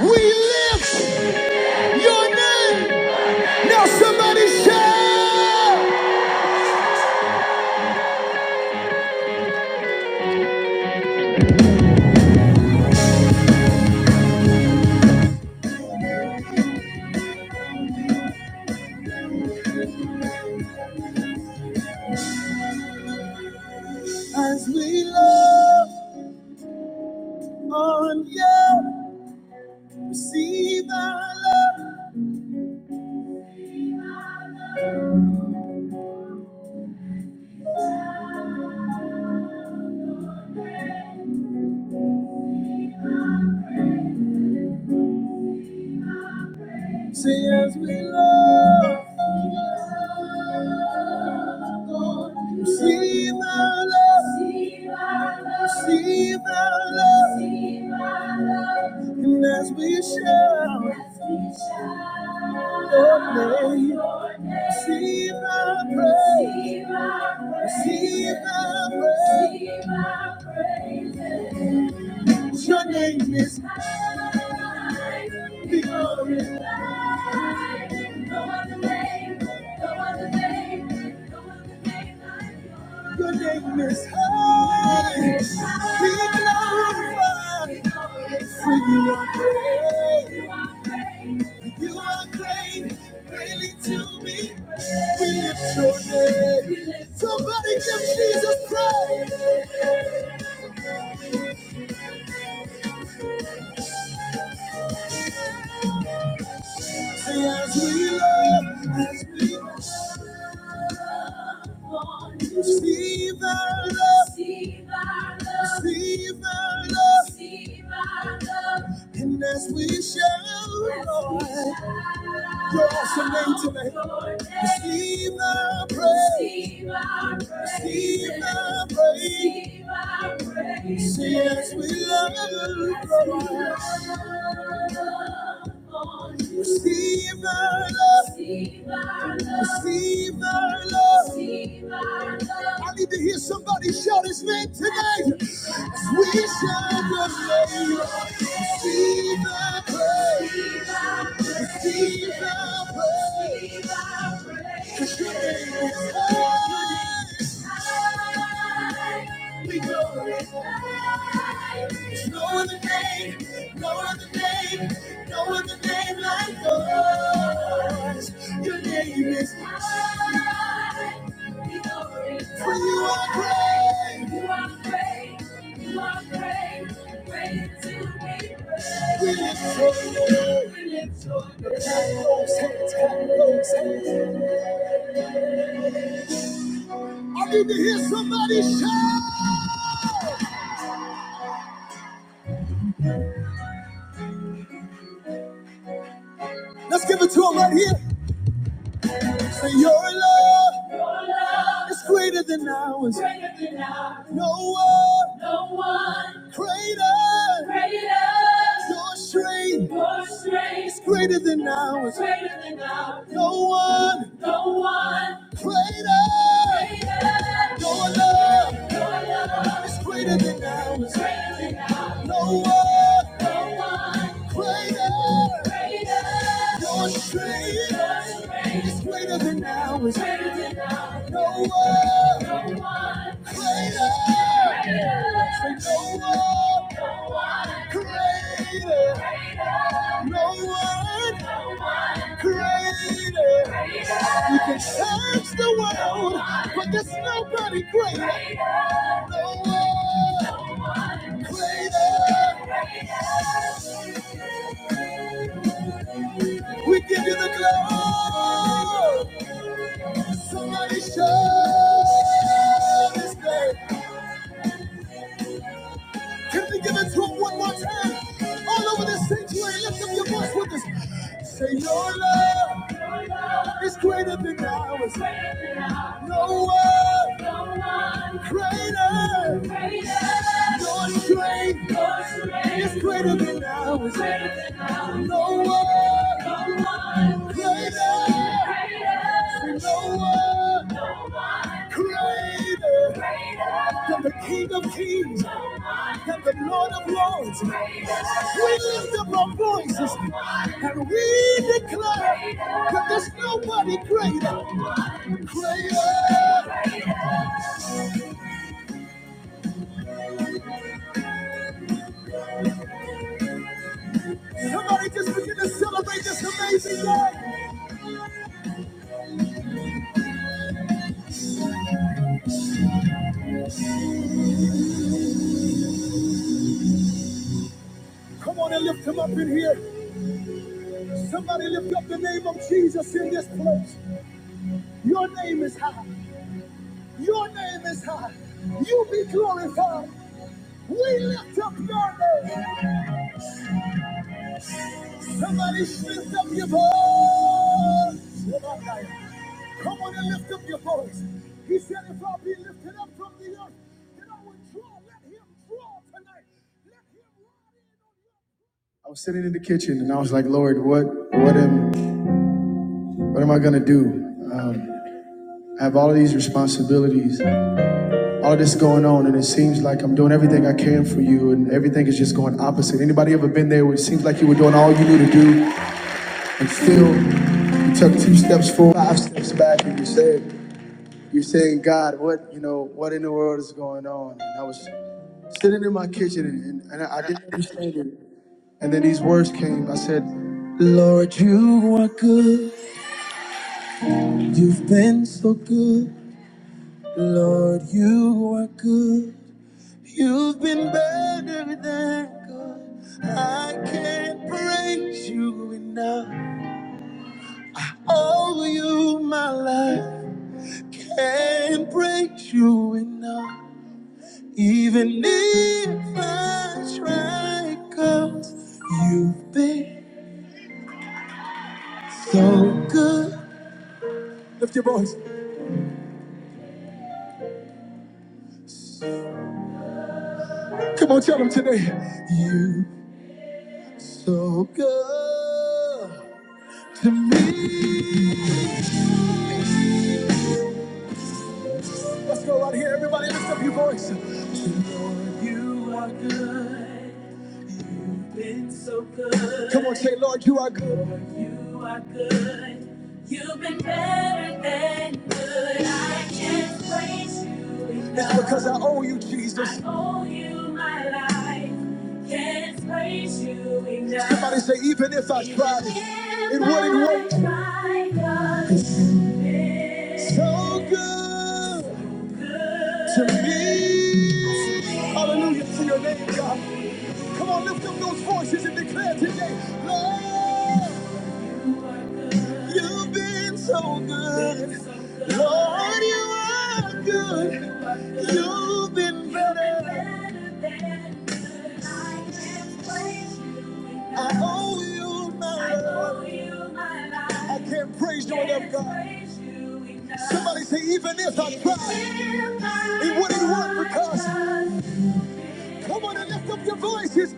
We lift your name. Now somebody shout. As we love on you, receive our love. Say as we love. Receive our love. Receive our love. And as we shout your name, receive our praise, receive our praise. Your name is high victorious. No other name, no other name, no other name like yours. Your name is high. Be glorified. For you are great. You are great. Greatly to me. We lift your name. Somebody give Jesus praise. as we love, as we love. Receive our love. Receive our love. Receive our love. And as we shall, Lord, your awesome name tonight, receive our praise, receive our praise. See as we love, Lord, receive our love, receive our love. I need to hear somebody shout his name tonight. We shall not fail. Receive our praise. Receive our praise. 'Cause your name is high. We glorify. There's No other name, no other name, no other your name like yours. Your name is high. For you are great. You are great. You are great. Great to be praised. We lift your name. We lift your name. Clap those hands. Clap those hands. I need to hear somebody shout. Let's give it to him right here. For your love your love is greater than ours. Greater than ours. No one no one, greater. greater. Your strength your strength is greater than ours. Greater than ours. No one no one, greater. greater. Your love your love is greater than ours. Greater than ours. No one, No one Greater, greater, your strength Your strength is greater than ours. Greater than ours. No one, no one, greater, greater, Say, no one, no one, greater, greater, no one, no one, greater. greater. You can search the world, no one, but there's nobody greater. Greater. No one, no one, greater. Greater. We give you the glory. Somebody show this day. Can we give it to him one more time? All over this sanctuary, lift up your voice with us. Say, Your love is greater than ours. No one greater. Your strength is greater than ours. No one greater. Say No one greater than the King of Kings and the Lord of Lords. We lift up our voices and we declare that there's nobody greater. Greater. Somebody just begin to celebrate this amazing God. Come on and lift him up in here. Somebody lift up the name of Jesus in this place. Your name is high. Your name is high. You be glorified. We lift up your name. Somebody lift up your voice. Come on and lift up your voice. He said, if I be lifted up from the earth, then I will draw. Let him draw tonight. Let him ride in on you. I was sitting in the kitchen and I was like, Lord, what, what am, what am I gonna do? Um, I have all of these responsibilities, all of this going on, and it seems like I'm doing everything I can for you, and everything is just going opposite. Anybody ever been there where it seems like you were doing all you knew to do, And still, you took two steps forward, five steps back, and you said, you're saying, God, what, you know, what in the world is going on? And I was sitting in my kitchen and, and, I didn't understand it. And then these words came. I said, Lord, you are good. You've been so good. Lord, you are good. You've been better than good. I can't praise you enough. Oh, you, my life. can't break you enough. Even if I try, cause you've been so good. Lift your voice. Come on, tell them today. You so good to me. Let's go right here, everybody. Lift up your voice. To your so good. Come on, say, Lord, you are good. Lord, you are good. You've been better than good. I can't praise you enough. It's because I owe you, I Jesus. I owe you my life. Can't praise you enough. Somebody say, even if I tried, if it wouldn't work. try, God is So good. so Good to me. Hallelujah to your name, God. Come on, lift up those voices and declare today, Lord, you've been so good. Lord, you are good. You've been better. I owe you my love. I can't praise you enough, God. Somebody say, even if I tried, it wouldn't work because. Come on and lift up your voices.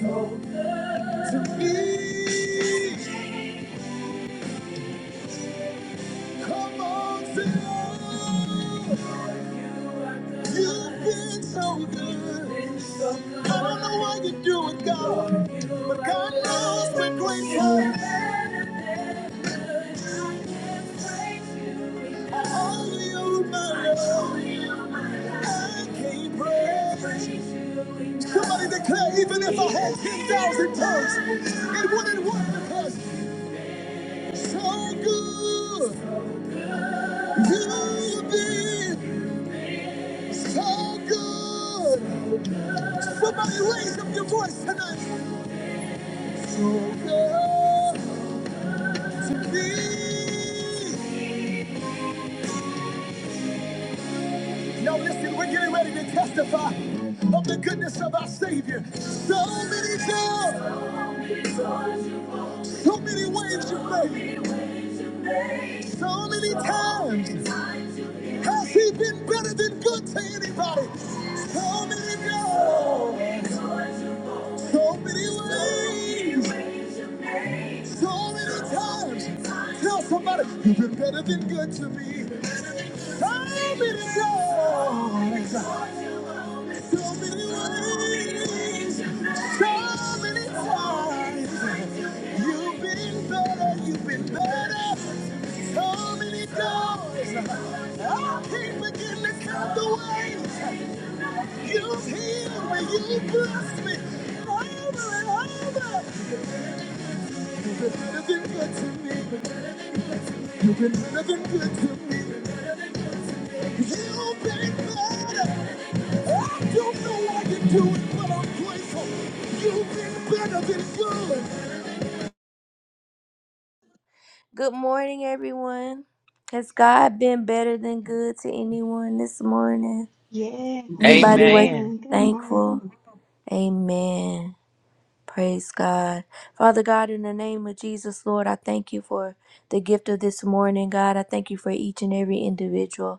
So good to me. Come on, sing. You've been so good. I don't know why you do it, God, but God knows when grace hurts. Only you, my love. I can't praise you. Somebody declare, even if I had 10,000 tongues, it wouldn't work because so good you've been. So good. Somebody raise up your voice tonight. So good to me. Now listen, we're getting ready to testify of the goodness of our Savior. So many times, so many waves you've made, so many times. Has He been better than good to anybody? So many times, so many ways, so many times. Tell somebody, you've been better than good to me. I'll be So many ways, so many times. You've been better, you've been better. So many doors. I can't begin to count the ways. You've healed me, you've blessed me. Over and over. You've been better than good to me. You've been better than good to me. You've been better. I don't know why you do it, but I'm grateful. You've been better than good. Good morning, everyone. Has God been better than good to anyone this morning? Yes, Anybody wake up Amen. amen. Good morning. thankful? Amen. Praise God. Father God, in the name of Jesus, Lord, I thank you for the gift of this morning, God. I thank you for each and every individual.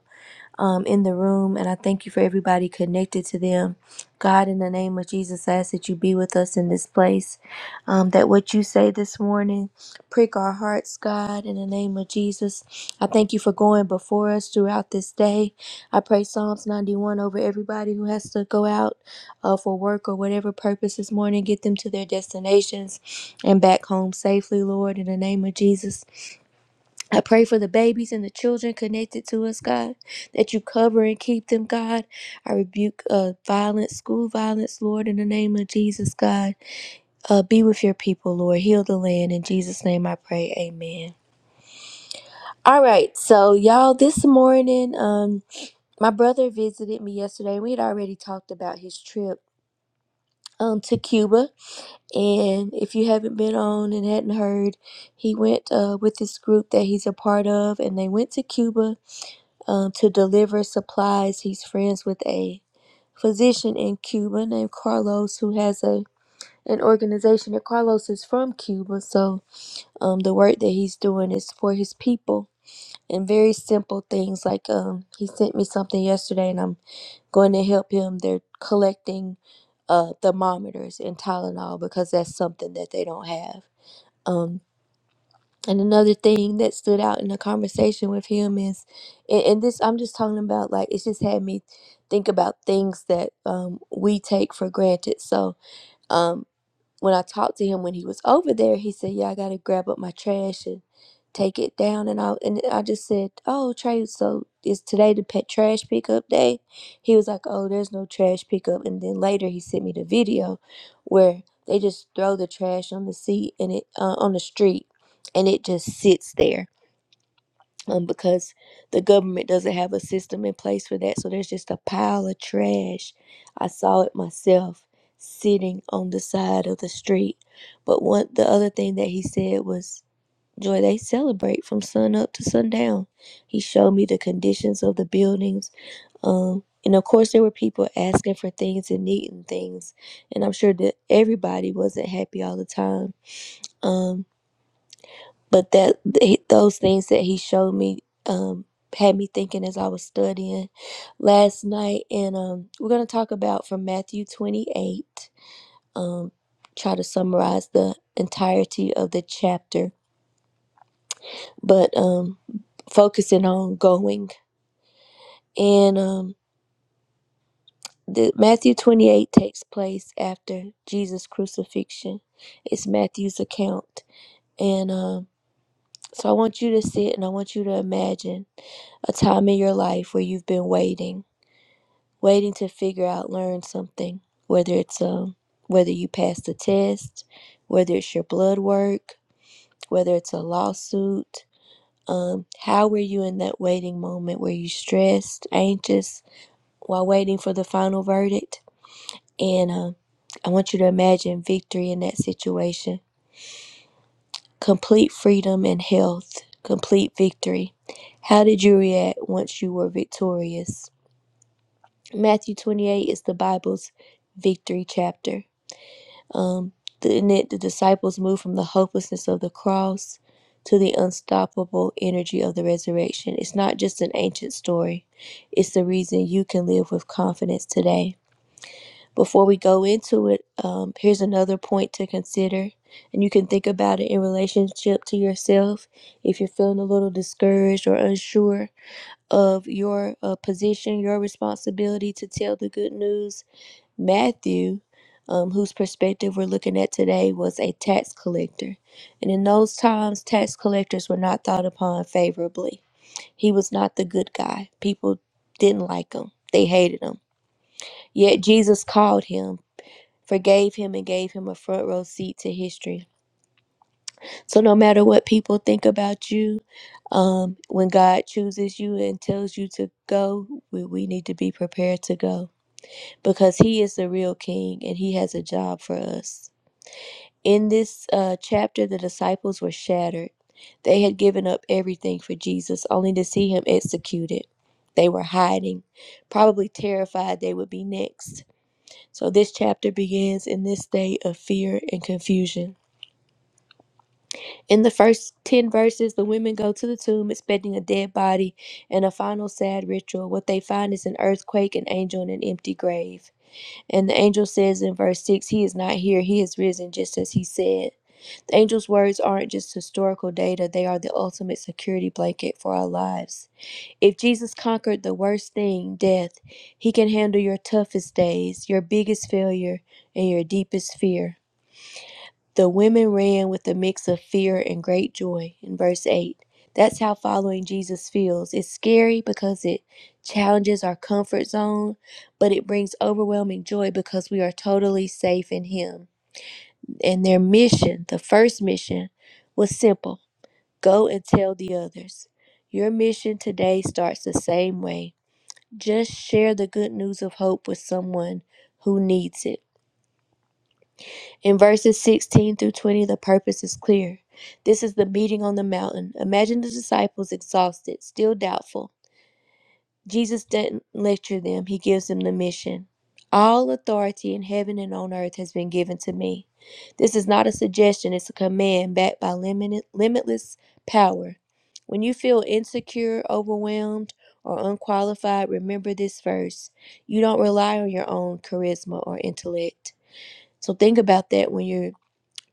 um, in the room, and I thank you for everybody connected to them. God, in the name of Jesus, I ask that you be with us in this place, um, that what you say this morning prick our hearts, God, in the name of Jesus. I thank you for going before us throughout this day. I pray Psalms 91 over everybody who has to go out uh, for work or whatever purpose this morning. Get them to their destinations and back home safely, Lord, in the name of Jesus. I pray for the babies and the children connected to us, God, that you cover and keep them, God. I rebuke uh, violence, school violence, Lord, in the name of Jesus, God. Uh, be with your people, Lord. Heal the land. In Jesus' name I pray. Amen. All right, so y'all, this morning, um, my brother visited me yesterday. We had already talked about his trip um, to Cuba. And if you haven't been on and hadn't heard, he went uh, with this group that he's a part of, and they went to Cuba um, to deliver supplies. He's friends with a physician in Cuba named Carlos, who has a an organization. And Carlos is from Cuba, so um, the work that he's doing is for his people. And very simple things like um, he sent me something yesterday, and I'm going to help him. They're collecting uh, thermometers and Tylenol because that's something that they don't have. Um, and another thing that stood out in the conversation with him is, and, and this I'm just talking about like it's just had me think about things that um, we take for granted. So, um, when I talked to him when he was over there, he said, "Yeah, I gotta grab up my trash and take it down." And I and I just said, "Oh, Trey, so is today the pet trash pickup day?" He was like, "Oh, there's no trash pickup." And then later he sent me the video where they just throw the trash on the seat and it uh, on the street, and it just sits there um, because the government doesn't have a system in place for that. So there's just a pile of trash. I saw it myself sitting on the side of the street. But one, the other thing that he said was, Joy, they celebrate from sun up to sundown. He showed me the conditions of the buildings. Um, and of course, there were people asking for things and needing things. And I'm sure that everybody wasn't happy all the time. Um, but that th- those things that he showed me um had me thinking as I was studying last night and um we're going to talk about from Matthew 28 um try to summarize the entirety of the chapter but um focusing on going and um the Matthew 28 takes place after Jesus crucifixion it's Matthew's account and um. So I want you to sit and I want you to imagine a time in your life where you've been waiting, waiting to figure out, learn something, whether it's um whether you passed a test, whether it's your blood work, whether it's a lawsuit. Um, how were you in that waiting moment? Were you stressed, anxious while waiting for the final verdict? And um, I want you to imagine victory in that situation complete freedom and health, complete victory. How did you react once you were victorious? Matthew 28 is the Bible's victory chapter. Um, the, in it, the disciples moved from the hopelessness of the cross to the unstoppable energy of the resurrection. It's not just an ancient story, it's the reason you can live with confidence today. Before we go into it, um, here's another point to consider, and you can think about it in relationship to yourself. If you're feeling a little discouraged or unsure of your uh, position, your responsibility to tell the good news, Matthew, um, whose perspective we're looking at today, was a tax collector. And in those times, tax collectors were not thought upon favorably. He was not the good guy. People didn't like him, they hated him. Yet Jesus called him forgave him and gave him a front row seat to history. So no matter what people think about you, um, when God chooses you and tells you to go, we, we need to be prepared to go because He is the real King and He has a job for us. In this uh, chapter, the disciples were shattered. They had given up everything for Jesus only to see Him executed. They were hiding, probably terrified they would be next. So, this chapter begins in this state of fear and confusion. In the first 10 verses, the women go to the tomb expecting a dead body and a final sad ritual. What they find is an earthquake, an angel, and an empty grave. And the angel says in verse 6, He is not here, He is risen, just as He said. The angel's words aren't just historical data, they are the ultimate security blanket for our lives. If Jesus conquered the worst thing, death, He can handle your toughest days, your biggest failure, and your deepest fear. The women ran with a mix of fear and great joy in verse 8. That's how following Jesus feels. It's scary because it challenges our comfort zone, but it brings overwhelming joy because we are totally safe in Him. And their mission, the first mission, was simple go and tell the others. Your mission today starts the same way. Just share the good news of hope with someone who needs it. In verses 16 through 20, the purpose is clear. This is the meeting on the mountain. Imagine the disciples exhausted, still doubtful. Jesus doesn't lecture them, he gives them the mission. All authority in heaven and on earth has been given to me. This is not a suggestion, it's a command backed by limited, limitless power. When you feel insecure, overwhelmed, or unqualified, remember this verse. You don't rely on your own charisma or intellect. So think about that when you're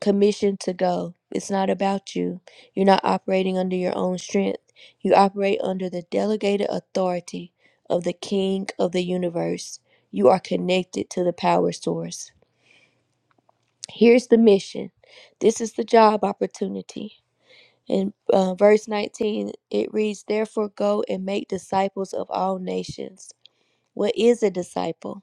commissioned to go. It's not about you. You're not operating under your own strength. You operate under the delegated authority of the King of the universe. You are connected to the power source. Here's the mission this is the job opportunity. In uh, verse 19, it reads, Therefore, go and make disciples of all nations. What is a disciple?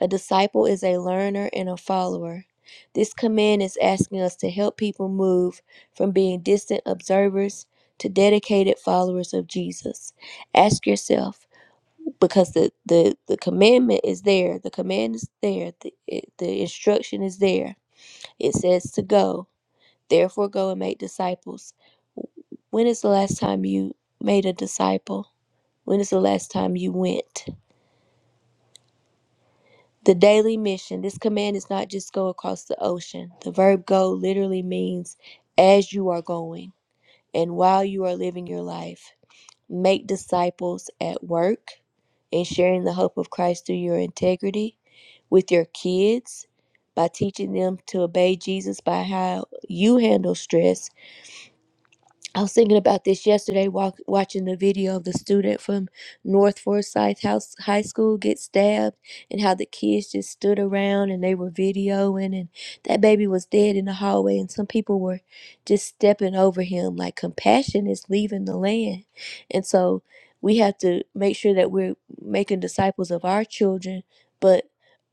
A disciple is a learner and a follower. This command is asking us to help people move from being distant observers to dedicated followers of Jesus. Ask yourself, because the, the, the commandment is there, the command is there, the, the instruction is there. It says to go, therefore go and make disciples. When is the last time you made a disciple? When is the last time you went? The daily mission. This command is not just go across the ocean. The verb go literally means as you are going and while you are living your life. Make disciples at work and sharing the hope of Christ through your integrity with your kids by teaching them to obey Jesus by how you handle stress I was thinking about this yesterday, walk, watching the video of the student from North Forsyth House High School get stabbed, and how the kids just stood around and they were videoing, and that baby was dead in the hallway, and some people were just stepping over him. Like compassion is leaving the land, and so we have to make sure that we're making disciples of our children, but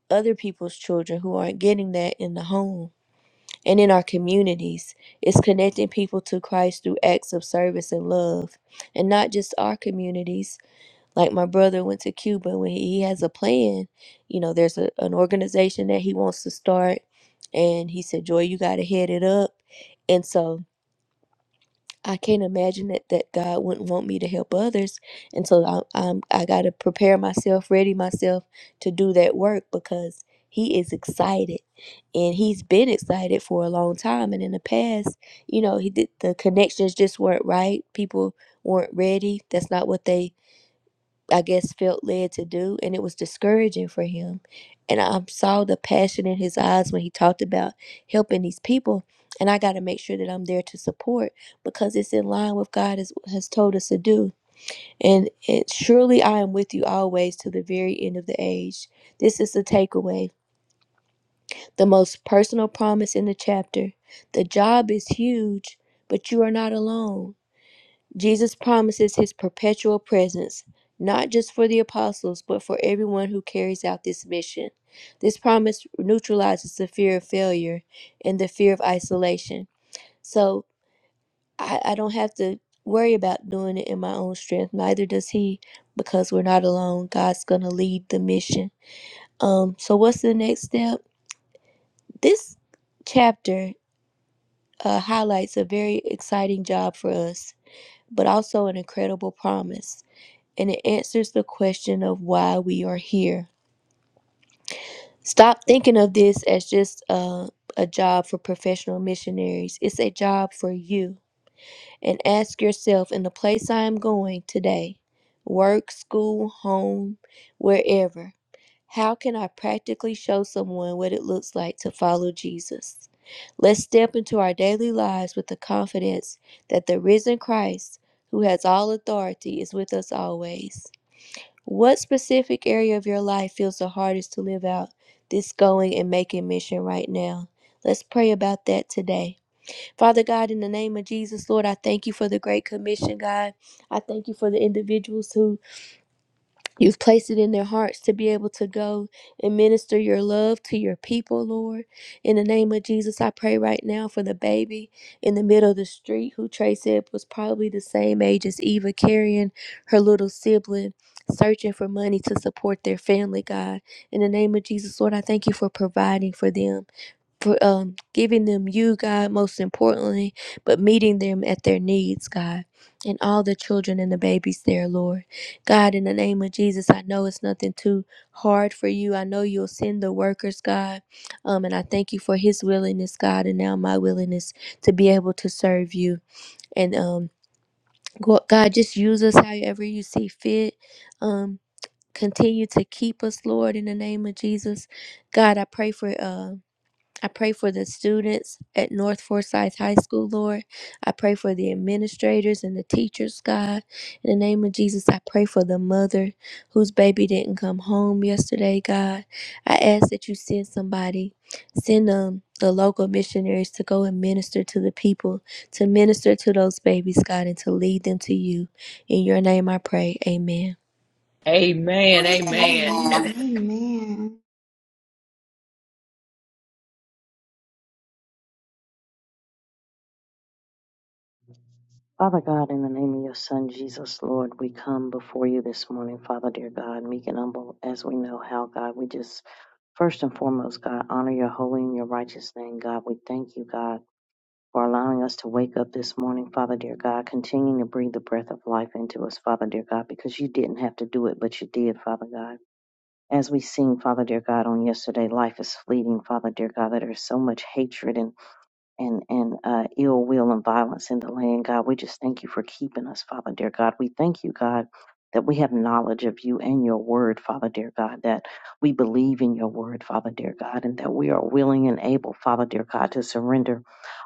other people's children who aren't getting that in the home and in our communities. It's connecting people to Christ through acts of service and love. And not just our communities. Like my brother went to Cuba when he has a plan, you know, there's a, an organization that he wants to start. And he said, Joy, you got to head it up. And so I can't imagine it that God wouldn't want me to help others. And so I, I'm, I got to prepare myself, ready myself to do that work because He is excited. And He's been excited for a long time. And in the past, you know, He did the connections just weren't right. People weren't ready. That's not what they I guess, felt led to do. And it was discouraging for him. And I saw the passion in his eyes when he talked about helping these people. And I got to make sure that I'm there to support because it's in line with God has, has told us to do. And it, surely I am with you always to the very end of the age. This is the takeaway, the most personal promise in the chapter. The job is huge, but you are not alone. Jesus promises his perpetual presence, not just for the apostles, but for everyone who carries out this mission. This promise neutralizes the fear of failure and the fear of isolation. So I, I don't have to worry about doing it in my own strength, neither does he, because we're not alone. God's going to lead the mission. Um, so, what's the next step? This chapter uh, highlights a very exciting job for us, but also an incredible promise. and it answers the question of why we are here. Stop thinking of this as just a, a job for professional missionaries. It's a job for you. And ask yourself in the place I am going today work, school, home, wherever how can I practically show someone what it looks like to follow Jesus? Let's step into our daily lives with the confidence that the risen Christ, who has all authority, is with us always. What specific area of your life feels the hardest to live out this going and making mission right now? Let's pray about that today. Father God, in the name of Jesus, Lord, I thank you for the great commission, God. I thank you for the individuals who You've placed it in their hearts to be able to go and minister your love to your people, Lord. In the name of Jesus, I pray right now for the baby in the middle of the street who Trace said was probably the same age as Eva, carrying her little sibling, searching for money to support their family, God. In the name of Jesus, Lord, I thank you for providing for them for um, giving them you, God, most importantly, but meeting them at their needs, God, and all the children and the babies there, Lord. God, in the name of Jesus, I know it's nothing too hard for you. I know you'll send the workers, God, um, and I thank you for his willingness, God, and now my willingness to be able to serve you. And um, go- God, just use us however you see fit. Um, continue to keep us, Lord, in the name of Jesus. God, I pray for. uh. I pray for the students at North Forsyth High School, Lord. I pray for the administrators and the teachers, God. In the name of Jesus, I pray for the mother whose baby didn't come home yesterday, God. I ask that you send somebody, send um, the local missionaries to go and minister to the people, to minister to those babies, God, and to lead them to you. In your name I pray. Amen. Amen. Amen. Amen. Amen. Amen. Amen. Father God, in the name of your Son, Jesus, Lord, we come before you this morning, Father, dear God, meek and humble as we know how, God. We just, first and foremost, God, honor your holy and your righteous name, God. We thank you, God, for allowing us to wake up this morning, Father, dear God, continuing to breathe the breath of life into us, Father, dear God, because you didn't have to do it, but you did, Father God. As we sing, Father, dear God, on yesterday, life is fleeting, Father, dear God, that there's so much hatred and and and uh, ill will and violence in the land, God. We just thank you for keeping us, Father, dear God. We thank you, God, that we have knowledge of you and your word, Father, dear God. That we believe in your word, Father, dear God, and that we are willing and able, Father, dear God, to surrender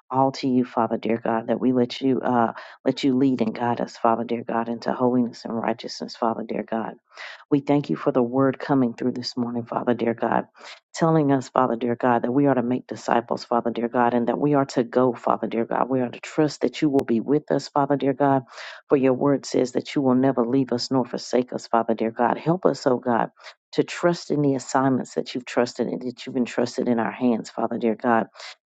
all to you, Father, dear God. That we let you uh, let you lead and guide us, Father, dear God, into holiness and righteousness, Father, dear God. We thank you for the word coming through this morning, Father dear God, telling us, Father dear God, that we are to make disciples, Father dear God, and that we are to go, Father dear God. We are to trust that you will be with us, Father dear God, for your word says that you will never leave us nor forsake us, Father dear God. Help us, oh God. To trust in the assignments that you've trusted and that you've entrusted in our hands, Father dear God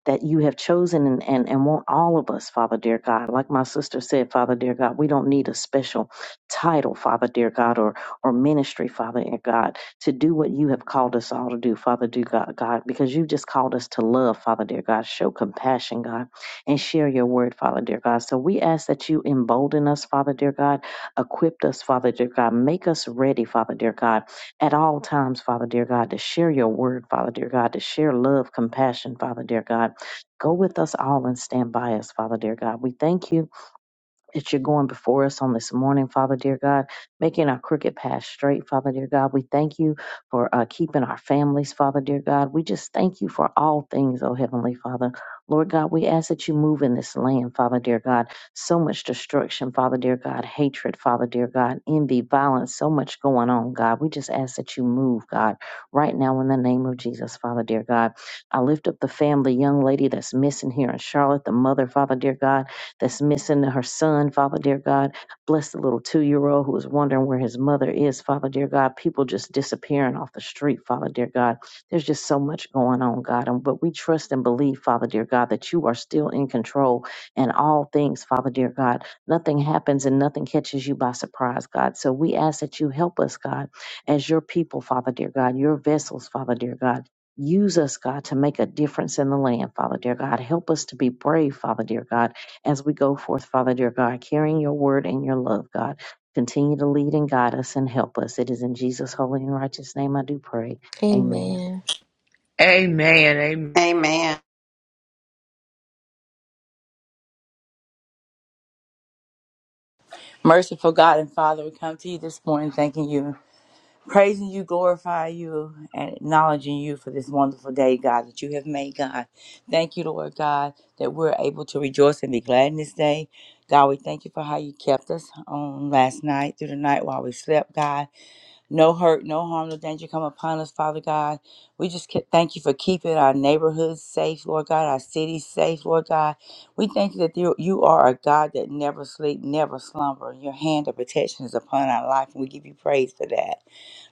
that you have chosen and, and, and want all of us, Father dear God. Like my sister said, Father dear God, we don't need a special title, Father dear God, or or ministry, Father and God, to do what you have called us all to do, Father dear God, God, because you've just called us to love, Father dear God, show compassion, God, and share your word, Father dear God. So we ask that you embolden us, Father dear God, equipped us, Father dear God, make us ready, Father dear God, at all times, Father dear God, to share your word, Father dear God, to share love, compassion, Father dear God. Go with us all and stand by us, Father dear God. We thank you that you're going before us on this morning, Father dear God, making our crooked path straight, Father dear God. We thank you for uh, keeping our families, Father dear God. We just thank you for all things, oh Heavenly Father. Lord God, we ask that you move in this land, Father dear God. So much destruction, Father dear God, hatred, Father dear God, envy, violence, so much going on, God. We just ask that you move, God, right now in the name of Jesus, Father dear God. I lift up the family, young lady that's missing here in Charlotte, the mother, Father dear God that's missing her son, Father dear God. Bless the little two year old who is wondering where his mother is, Father dear God. People just disappearing off the street, Father dear God. There's just so much going on, God. And but we trust and believe, Father dear God, that you are still in control and all things, Father dear God. Nothing happens and nothing catches you by surprise, God. So we ask that you help us, God, as your people, Father dear God, your vessels, Father dear God. Use us, God, to make a difference in the land, Father dear God. Help us to be brave, Father dear God as we go forth, Father dear God, carrying your word and your love, God. Continue to lead and guide us and help us. It is in Jesus' holy and righteous name I do pray. Amen. Amen. Amen. Amen. Amen. Merciful God and Father, we come to you this morning thanking you, praising you, glorifying you, and acknowledging you for this wonderful day, God, that you have made, God. Thank you, Lord God, that we're able to rejoice and be glad in this day. God, we thank you for how you kept us on last night through the night while we slept, God. No hurt, no harm, no danger come upon us, Father God. We just ca- thank you for keeping our neighborhoods safe, Lord God, our cities safe, Lord God. We thank you that you, you are a God that never sleep, never slumber. Your hand of protection is upon our life, and we give you praise for that.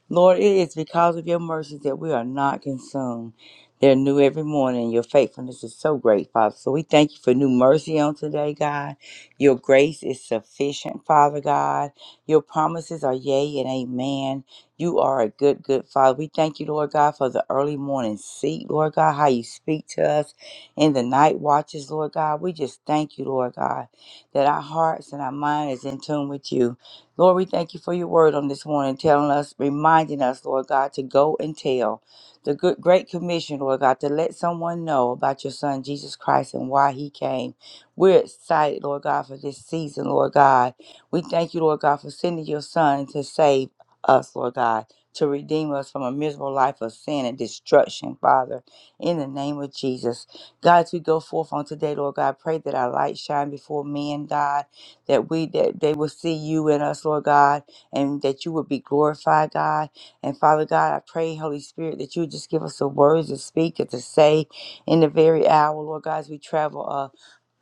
Lord, it is because of your mercies that we are not consumed. They're new every morning. Your faithfulness is so great, Father. So we thank you for new mercy on today, God. Your grace is sufficient, Father God. Your promises are yea and amen. You are a good, good Father. We thank you, Lord God, for the early morning seat, Lord God, how you speak to us in the night watches, Lord God. We just thank you, Lord God, that our hearts and our mind is in tune with you. Lord, we thank you for your word on this morning, telling us, reminding us, Lord God, to go and tell the good, great commission, Lord God, to let someone know about your son, Jesus Christ, and why he came. We're excited, Lord God, for this season, Lord God. We thank you, Lord God, for sending your son to save us, Lord God, to redeem us from a miserable life of sin and destruction, Father, in the name of Jesus. God, as we go forth on today, Lord God, pray that our light shine before men, God that we that they will see you in us, Lord God, and that you will be glorified, God. And Father God, I pray, Holy Spirit, that you just give us the words to speak and to say in the very hour, Lord God, as we travel. uh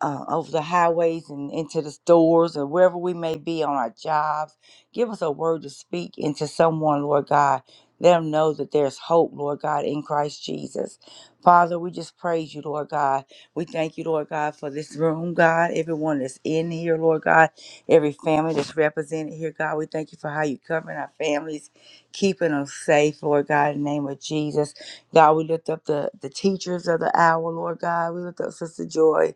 uh, over the highways and into the stores or wherever we may be on our jobs. Give us a word to speak into someone, Lord God. Let them know that there's hope, Lord God, in Christ Jesus. Father, we just praise you, Lord God. We thank you, Lord God, for this room, God. Everyone that's in here, Lord God. Every family that's represented here, God. We thank you for how you covering our families, keeping them safe, Lord God, in the name of Jesus. God, we lift up the, the teachers of the hour, Lord God. We lift up Sister Joy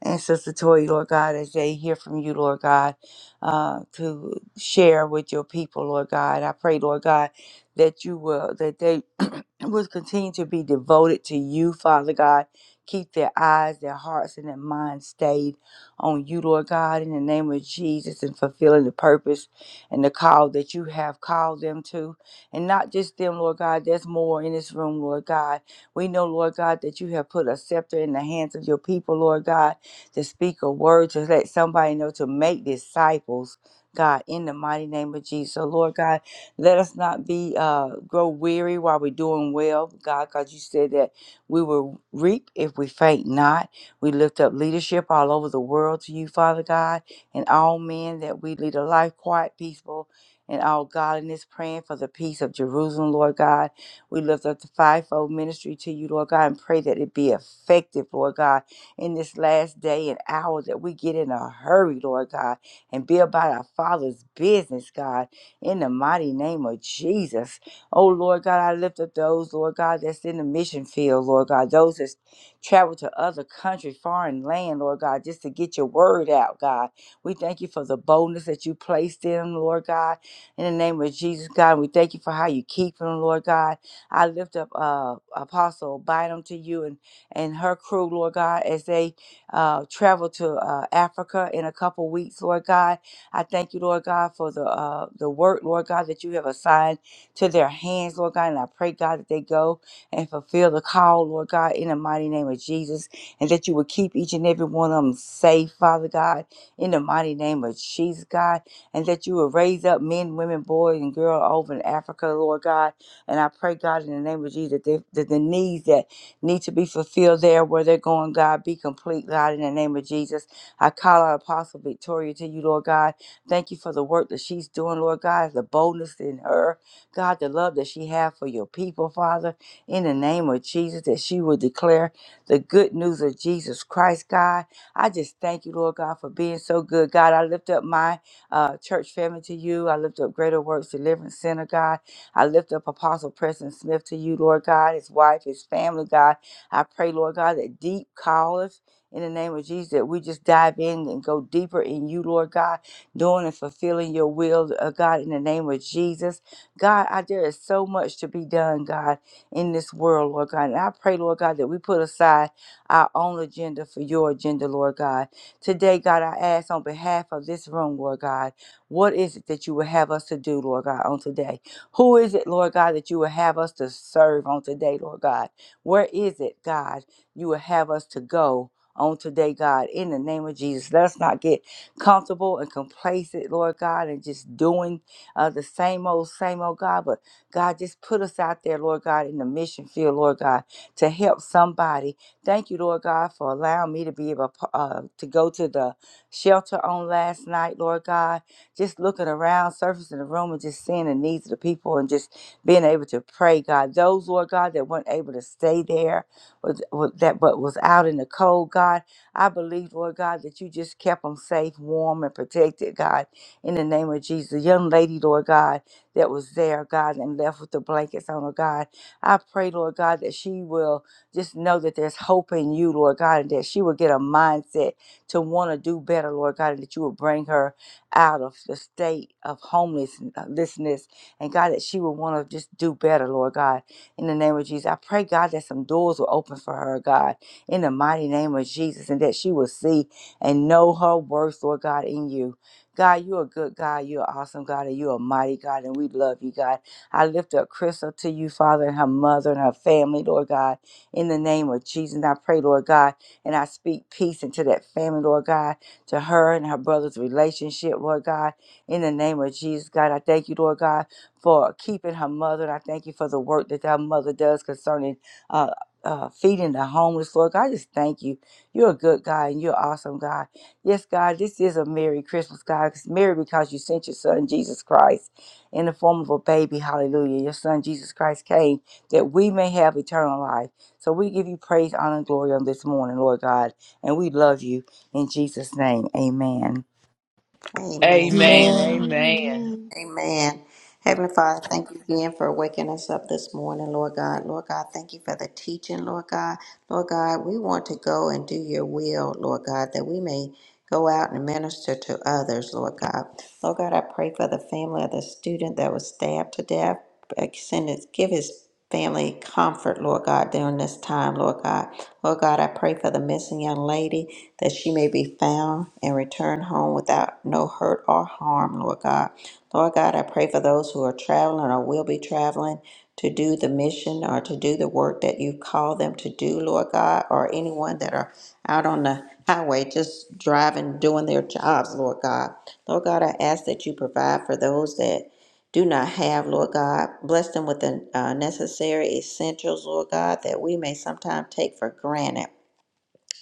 and Sister Toy, Lord God, as they hear from you, Lord God, uh, to share with your people, Lord God. I pray, Lord God, that you will, that they will continue to be devoted to you, Father God. Keep their eyes, their hearts, and their minds stayed on you, Lord God, in the name of Jesus, and fulfilling the purpose and the call that you have called them to. And not just them, Lord God, there's more in this room, Lord God. We know, Lord God, that you have put a scepter in the hands of your people, Lord God to speak a word, to let somebody know, to make disciples, God, in the mighty name of Jesus. So, Lord God, let us not be, uh, grow weary while we're doing well, God, because you said that we will reap if we faint not. We lift up leadership all over the world to you, Father God, and all men that we lead a life quiet, peaceful, and all godliness, praying for the peace of Jerusalem, Lord God. We lift up the fivefold ministry to you, Lord God, and pray that it be effective, Lord God in this last day and hour that we get in a hurry, Lord God, and be about our Father's business, God, in the mighty name of Jesus. Oh, Lord God, I lift up those, Lord God, that's in the mission field, Lord God, those that's traveled to other country, foreign land, Lord God, just to get your word out, God. We thank you for the boldness that you placed in them, Lord God, in the name of Jesus, God. We thank you for how you keep them, Lord God. I lift up uh, Apostle Bynum to you and and her crew, Lord God, as they uh, travel to uh, Africa in a couple weeks, Lord God. I thank you, Lord God, for the uh, the work, Lord God, that you have assigned to their hands, Lord God. And I pray, God, that they go and fulfill the call, Lord God, in the mighty name of Jesus, and that you will keep each and every one of them safe, Father God, in the mighty name of Jesus, God, and that you will raise up men, women, boys, and girls over in Africa, Lord God. And I pray, God, in the name of Jesus, that, they, that the needs that need to be fulfilled there where they're going, God. Be complete, God, in the name of Jesus. I call out Apostle Victoria to you, Lord God. Thank you for the work that she's doing, Lord God, the boldness in her, God, the love that she has for your people, Father, in the name of Jesus, that she will declare the good news of Jesus Christ, God. I just thank you, Lord God, for being so good, God. I lift up my uh, church family to you. I lift up Greater Works Deliverance Center, God. I lift up Apostle Preston Smith to you, Lord God, his wife, his family, God. I pray, Lord God, that deep calleth in the name of Jesus, that we just dive in and go deeper in you, Lord God, doing and fulfilling your will, uh, God, in the name of Jesus. God, I, there is so much to be done, God, in this world, Lord God. And I pray, Lord God, that we put aside our own agenda for your agenda, Lord God. Today, God, I ask on behalf of this room, Lord God, what is it that you would have us to do, Lord God, on today? Who is it, Lord God, that you will have us to serve on today, Lord God? Where is it, God, you will have us to go? On today, God, in the name of Jesus, let us not get comfortable and complacent, Lord God, and just doing uh, the same old, same old, God. But God, just put us out there, Lord God, in the mission field, Lord God, to help somebody. Thank you, Lord God, for allowing me to be able uh, to go to the shelter on last night, Lord God just looking around, surfacing the room, and just seeing the needs of the people and just being able to pray, God. Those, Lord God, that weren't able to stay there, or th- or that but was out in the cold, God, I believe, Lord God, that you just kept them safe, warm, and protected, God, in the name of Jesus. The young lady, Lord God, that was there, God, and left with the blankets on her, God. I pray, Lord God, that she will just know that there's hope in you, Lord God, and that she will get a mindset to want to do better, Lord God, and that you will bring her out of the state of homelessness. And God, that she will want to just do better, Lord God. In the name of Jesus, I pray, God, that some doors will open for her, God, in the mighty name of Jesus, and that she will see and know her worth, Lord God, in you. God, you're a good God. You're an awesome God, and you're a mighty God, and we love you, God. I lift up Crystal to you, Father, and her mother and her family, Lord God, in the name of Jesus. And I pray, Lord God, and I speak peace into that family, Lord God to her and her brother's relationship, Lord God. In the name of Jesus, God, I thank you, Lord God, for keeping her mother. And I thank you for the work that that mother does concerning uh, uh, feeding the homeless, Lord God. I just thank you. You're a good God and you're awesome, God. Yes, God, this is a Merry Christmas, God. It's Merry because you sent your son, Jesus Christ, in the form of a baby. Hallelujah. Your son, Jesus Christ, came that we may have eternal life. So we give you praise, honor, and glory on this morning, Lord God. And we love you. In Jesus' name, amen. Amen. Amen. Amen. Amen. Amen. Amen. Amen. Heavenly Father, thank you again for waking us up this morning, Lord God. Lord God, thank you for the teaching, Lord God. Lord God, we want to go and do your will, Lord God, that we may go out and minister to others, Lord God. Lord God, I pray for the family of the student that was stabbed to death. Send his, give his family comfort, Lord God, during this time, Lord God. Lord God, I pray for the missing young lady that she may be found and return home without no hurt or harm, Lord God. Lord God, I pray for those who are traveling or will be traveling to do the mission or to do the work that you call them to do, Lord God, or anyone that are out on the highway just driving, doing their jobs, Lord God. Lord God, I ask that you provide for those that do not have, Lord God. Bless them with the uh, necessary essentials, Lord God, that we may sometimes take for granted.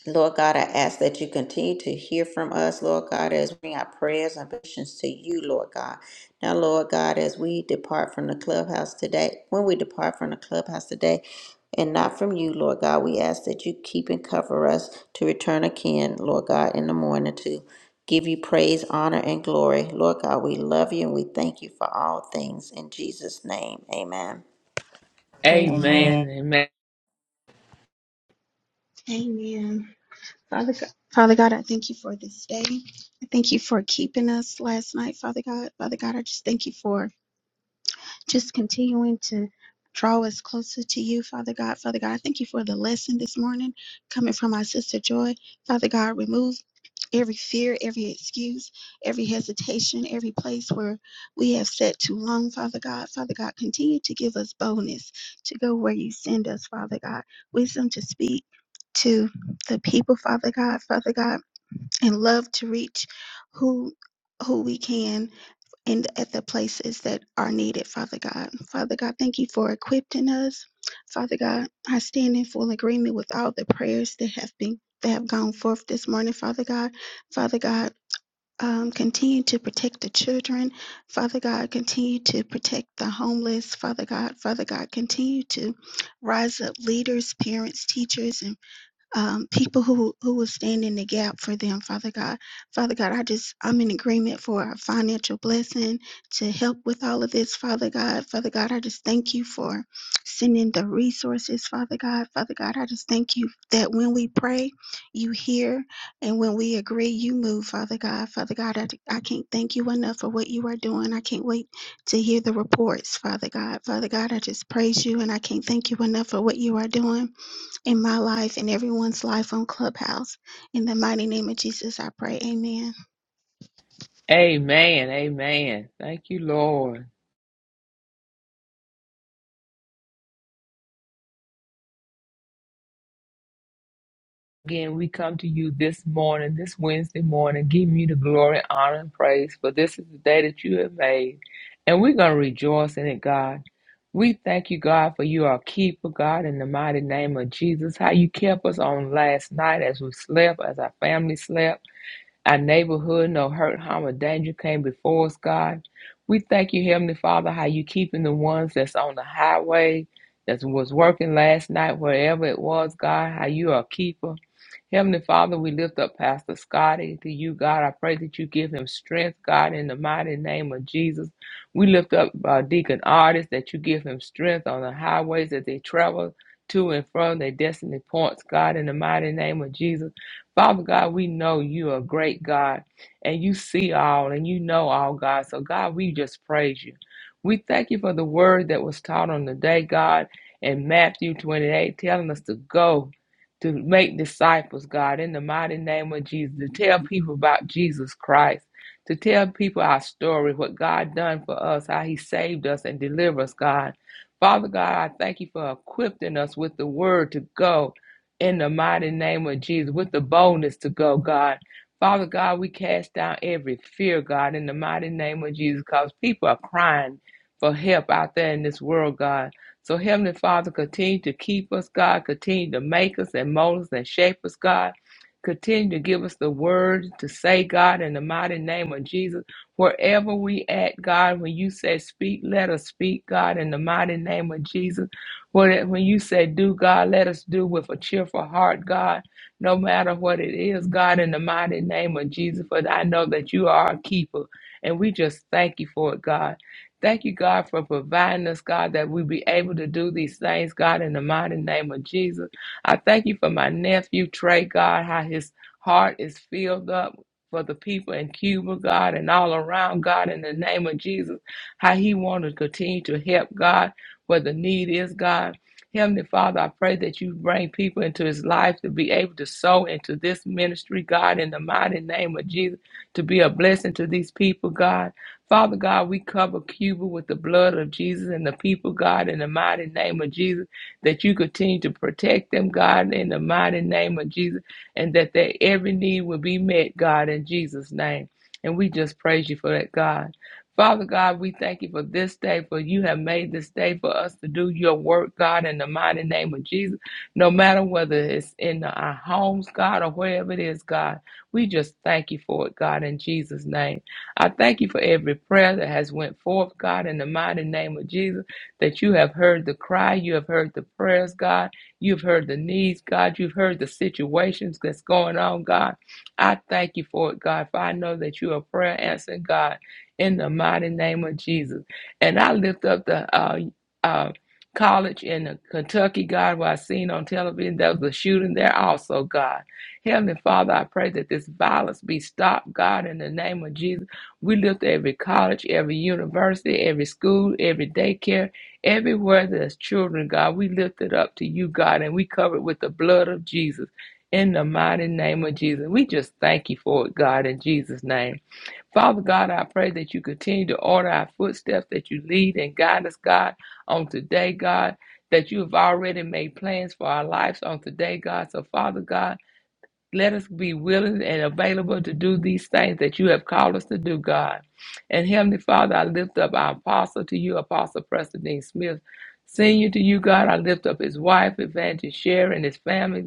Lord God, I ask that you continue to hear from us, Lord God, as we bring our prayers and petitions to you, Lord God. Now, Lord God, as we depart from the clubhouse today, when we depart from the clubhouse today, and not from you, Lord God, we ask that you keep and cover us to return again, Lord God, in the morning to give you praise, honor, and glory. Lord God, we love you and we thank you for all things. In Jesus' name, amen. Amen. Amen. Amen. Amen. Amen. Father God, Father God, I thank you for this day. I thank you for keeping us last night, Father God. Father God, I just thank you for just continuing to draw us closer to you, Father God. Father God, I thank you for the lesson this morning coming from my sister Joy. Father God, remove every fear, every excuse, every hesitation, every place where we have sat too long, Father God. Father God, continue to give us boldness to go where you send us, Father God. Wisdom to speak to the people, Father God, Father God, and love to reach who who we can and at the places that are needed, Father God. Father God, thank you for equipping us. Father God, I stand in full agreement with all the prayers that have been that have gone forth this morning, Father God. Father God, um, continue to protect the children. Father God, continue to protect the homeless. Father God, Father God, continue to rise up leaders, parents, teachers, and um, people who who will stand in the gap for them, Father God. Father God, I just I'm in agreement for a financial blessing to help with all of this, Father God. Father God, I just thank you for sending the resources, Father God. Father God, I just thank you that when we pray, you hear, and when we agree, you move, Father God. Father God, I, I can't thank you enough for what you are doing. I can't wait to hear the reports, Father God. Father God, I just praise you, and I can't thank you enough for what you are doing in my life and everyone's life on Clubhouse. In the mighty name of Jesus, I pray. Amen. Amen. Amen. Thank you, Lord. Again, we come to you this morning, this Wednesday morning, giving you the glory, honor, and praise. For this is the day that you have made, and we're going to rejoice in it, God. We thank you, God, for you are a keeper, God, in the mighty name of Jesus. How you kept us on last night as we slept, as our family slept. Our neighborhood, no hurt, harm, or danger came before us, God. We thank you, Heavenly Father, how you keeping the ones that's on the highway, that was working last night, wherever it was, God, how you are a keeper. Heavenly Father, we lift up Pastor Scotty to you, God. I pray that you give him strength, God, in the mighty name of Jesus. We lift up uh, Deacon Artist that you give him strength on the highways that they travel to and from their destiny points, God, in the mighty name of Jesus. Father God, we know you are a great God and you see all and you know all, God. So, God, we just praise you. We thank you for the word that was taught on the day, God, in Matthew 28, telling us to go to make disciples, God, in the mighty name of Jesus, to tell people about Jesus Christ, to tell people our story, what God done for us, how he saved us and delivered us, God. Father God, I thank you for equipping us with the word to go in the mighty name of Jesus with the boldness to go, God. Father God, we cast down every fear, God, in the mighty name of Jesus, because people are crying for help out there in this world, God. So, Heavenly Father, continue to keep us, God. Continue to make us and mold us and shape us, God. Continue to give us the words to say, God, in the mighty name of Jesus. Wherever we at, God, when you say speak, let us speak, God, in the mighty name of Jesus. When, when you say do, God, let us do with a cheerful heart, God, no matter what it is, God, in the mighty name of Jesus, for I know that you are a keeper. And we just thank you for it, God. Thank you, God, for providing us, God, that we be able to do these things, God, in the mighty name of Jesus. I thank you for my nephew, Trey, God, how his heart is filled up for the people in Cuba, God, and all around, God, in the name of Jesus, how he want to continue to help, God where the need is, God. Heavenly Father, I pray that you bring people into his life to be able to sow into this ministry, God, in the mighty name of Jesus, to be a blessing to these people, God. Father God, we cover Cuba with the blood of Jesus and the people, God, in the mighty name of Jesus, that you continue to protect them, God, in the mighty name of Jesus, and that their every need will be met, God, in Jesus' name. And we just praise you for that, God. Father God, we thank you for this day, for you have made this day for us to do your work, God, in the mighty name of Jesus. No matter whether it's in our homes, God, or wherever it is, God, we just thank you for it, God, in Jesus' name. I thank you for every prayer that has went forth, God, in the mighty name of Jesus, that you have heard the cry, you have heard the prayers, God, you've heard the needs, God, you've heard the situations that's going on, God. I thank you for it, God, for I know that you are a prayer answering God in the mighty name of Jesus. And I lift up the uh, uh, college in Kentucky, God, where I seen on television there was a shooting there also, God. Heavenly Father, I pray that this violence be stopped, God, in the name of Jesus. We lift every college, every university, every school, every daycare, everywhere there's children, God. We lift it up to you, God, and we cover it with the blood of Jesus. In the mighty name of Jesus. We just thank you for it, God, in Jesus' name. Father God, I pray that you continue to order our footsteps, that you lead and guide us, God, on today, God, that you have already made plans for our lives on today, God. So, Father God, let us be willing and available to do these things that you have called us to do, God. And Heavenly Father, I lift up our apostle to you, Apostle Preston Dean Smith. Senior to you, God, I lift up his wife, Evangelist Sherry, and his family.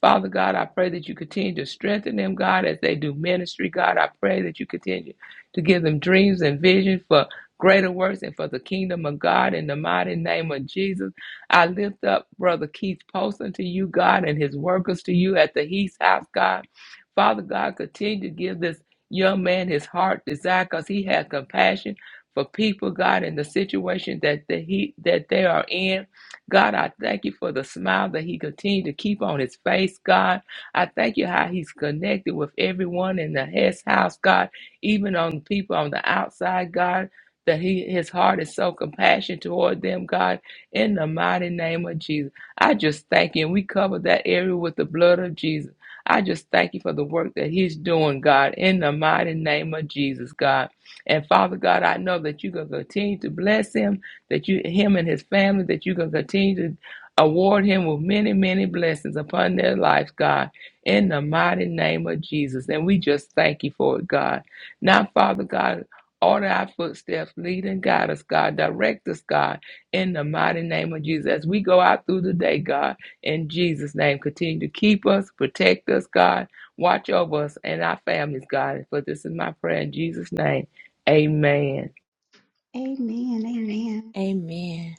Father God, I pray that you continue to strengthen them, God, as they do ministry. God, I pray that you continue to give them dreams and vision for greater works and for the kingdom of God in the mighty name of Jesus. I lift up Brother Keith Poston to you, God, and his workers to you at the Heath House, God. Father God, continue to give this young man his heart desire because he has compassion for people, God, in the situation that the he that they are in. God, I thank you for the smile that he continued to keep on his face, God. I thank you how he's connected with everyone in the Hess house, God, even on people on the outside, God, that he his heart is so compassionate toward them, God in the mighty name of Jesus. I just thank you. And we cover that area with the blood of Jesus. I just thank you for the work that he's doing, God, in the mighty name of Jesus, God. And Father God, I know that you're going to continue to bless him, that you, him and his family, that you're going to continue to award him with many, many blessings upon their lives, God, in the mighty name of Jesus. And we just thank you for it, God. Now, Father God, order our footsteps, lead and guide us, God, direct us, God in the mighty name of Jesus. As we go out through the day, God, in Jesus' name, continue to keep us, protect us, God, watch over us and our families, God. For this is my prayer in Jesus' name. Amen. Amen. Amen. Amen.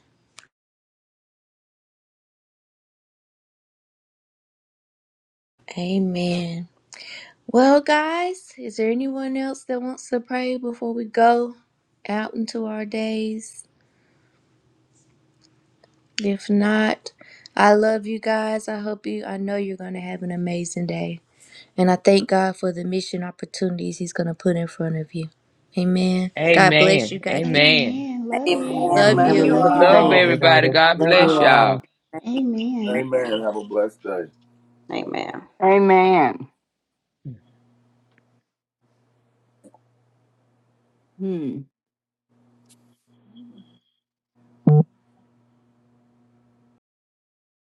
Amen. Well, guys, is there anyone else that wants to pray before we go out into our days? If not, I love you guys. I hope you, I know you're going to have an amazing day. And I thank God for the mission opportunities He's going to put in front of you. Amen. God bless you. Amen. God keep- Amen. Amen. Love you. Amen. love Amen. Love Have a Amen. you. you Love wonderful you Love day, all. guys. everybody. everybody. Love God you Love you bless all. all. y'all. Amen. Amen. Amen. Have a blessed day. Amen. Amen. Hmm.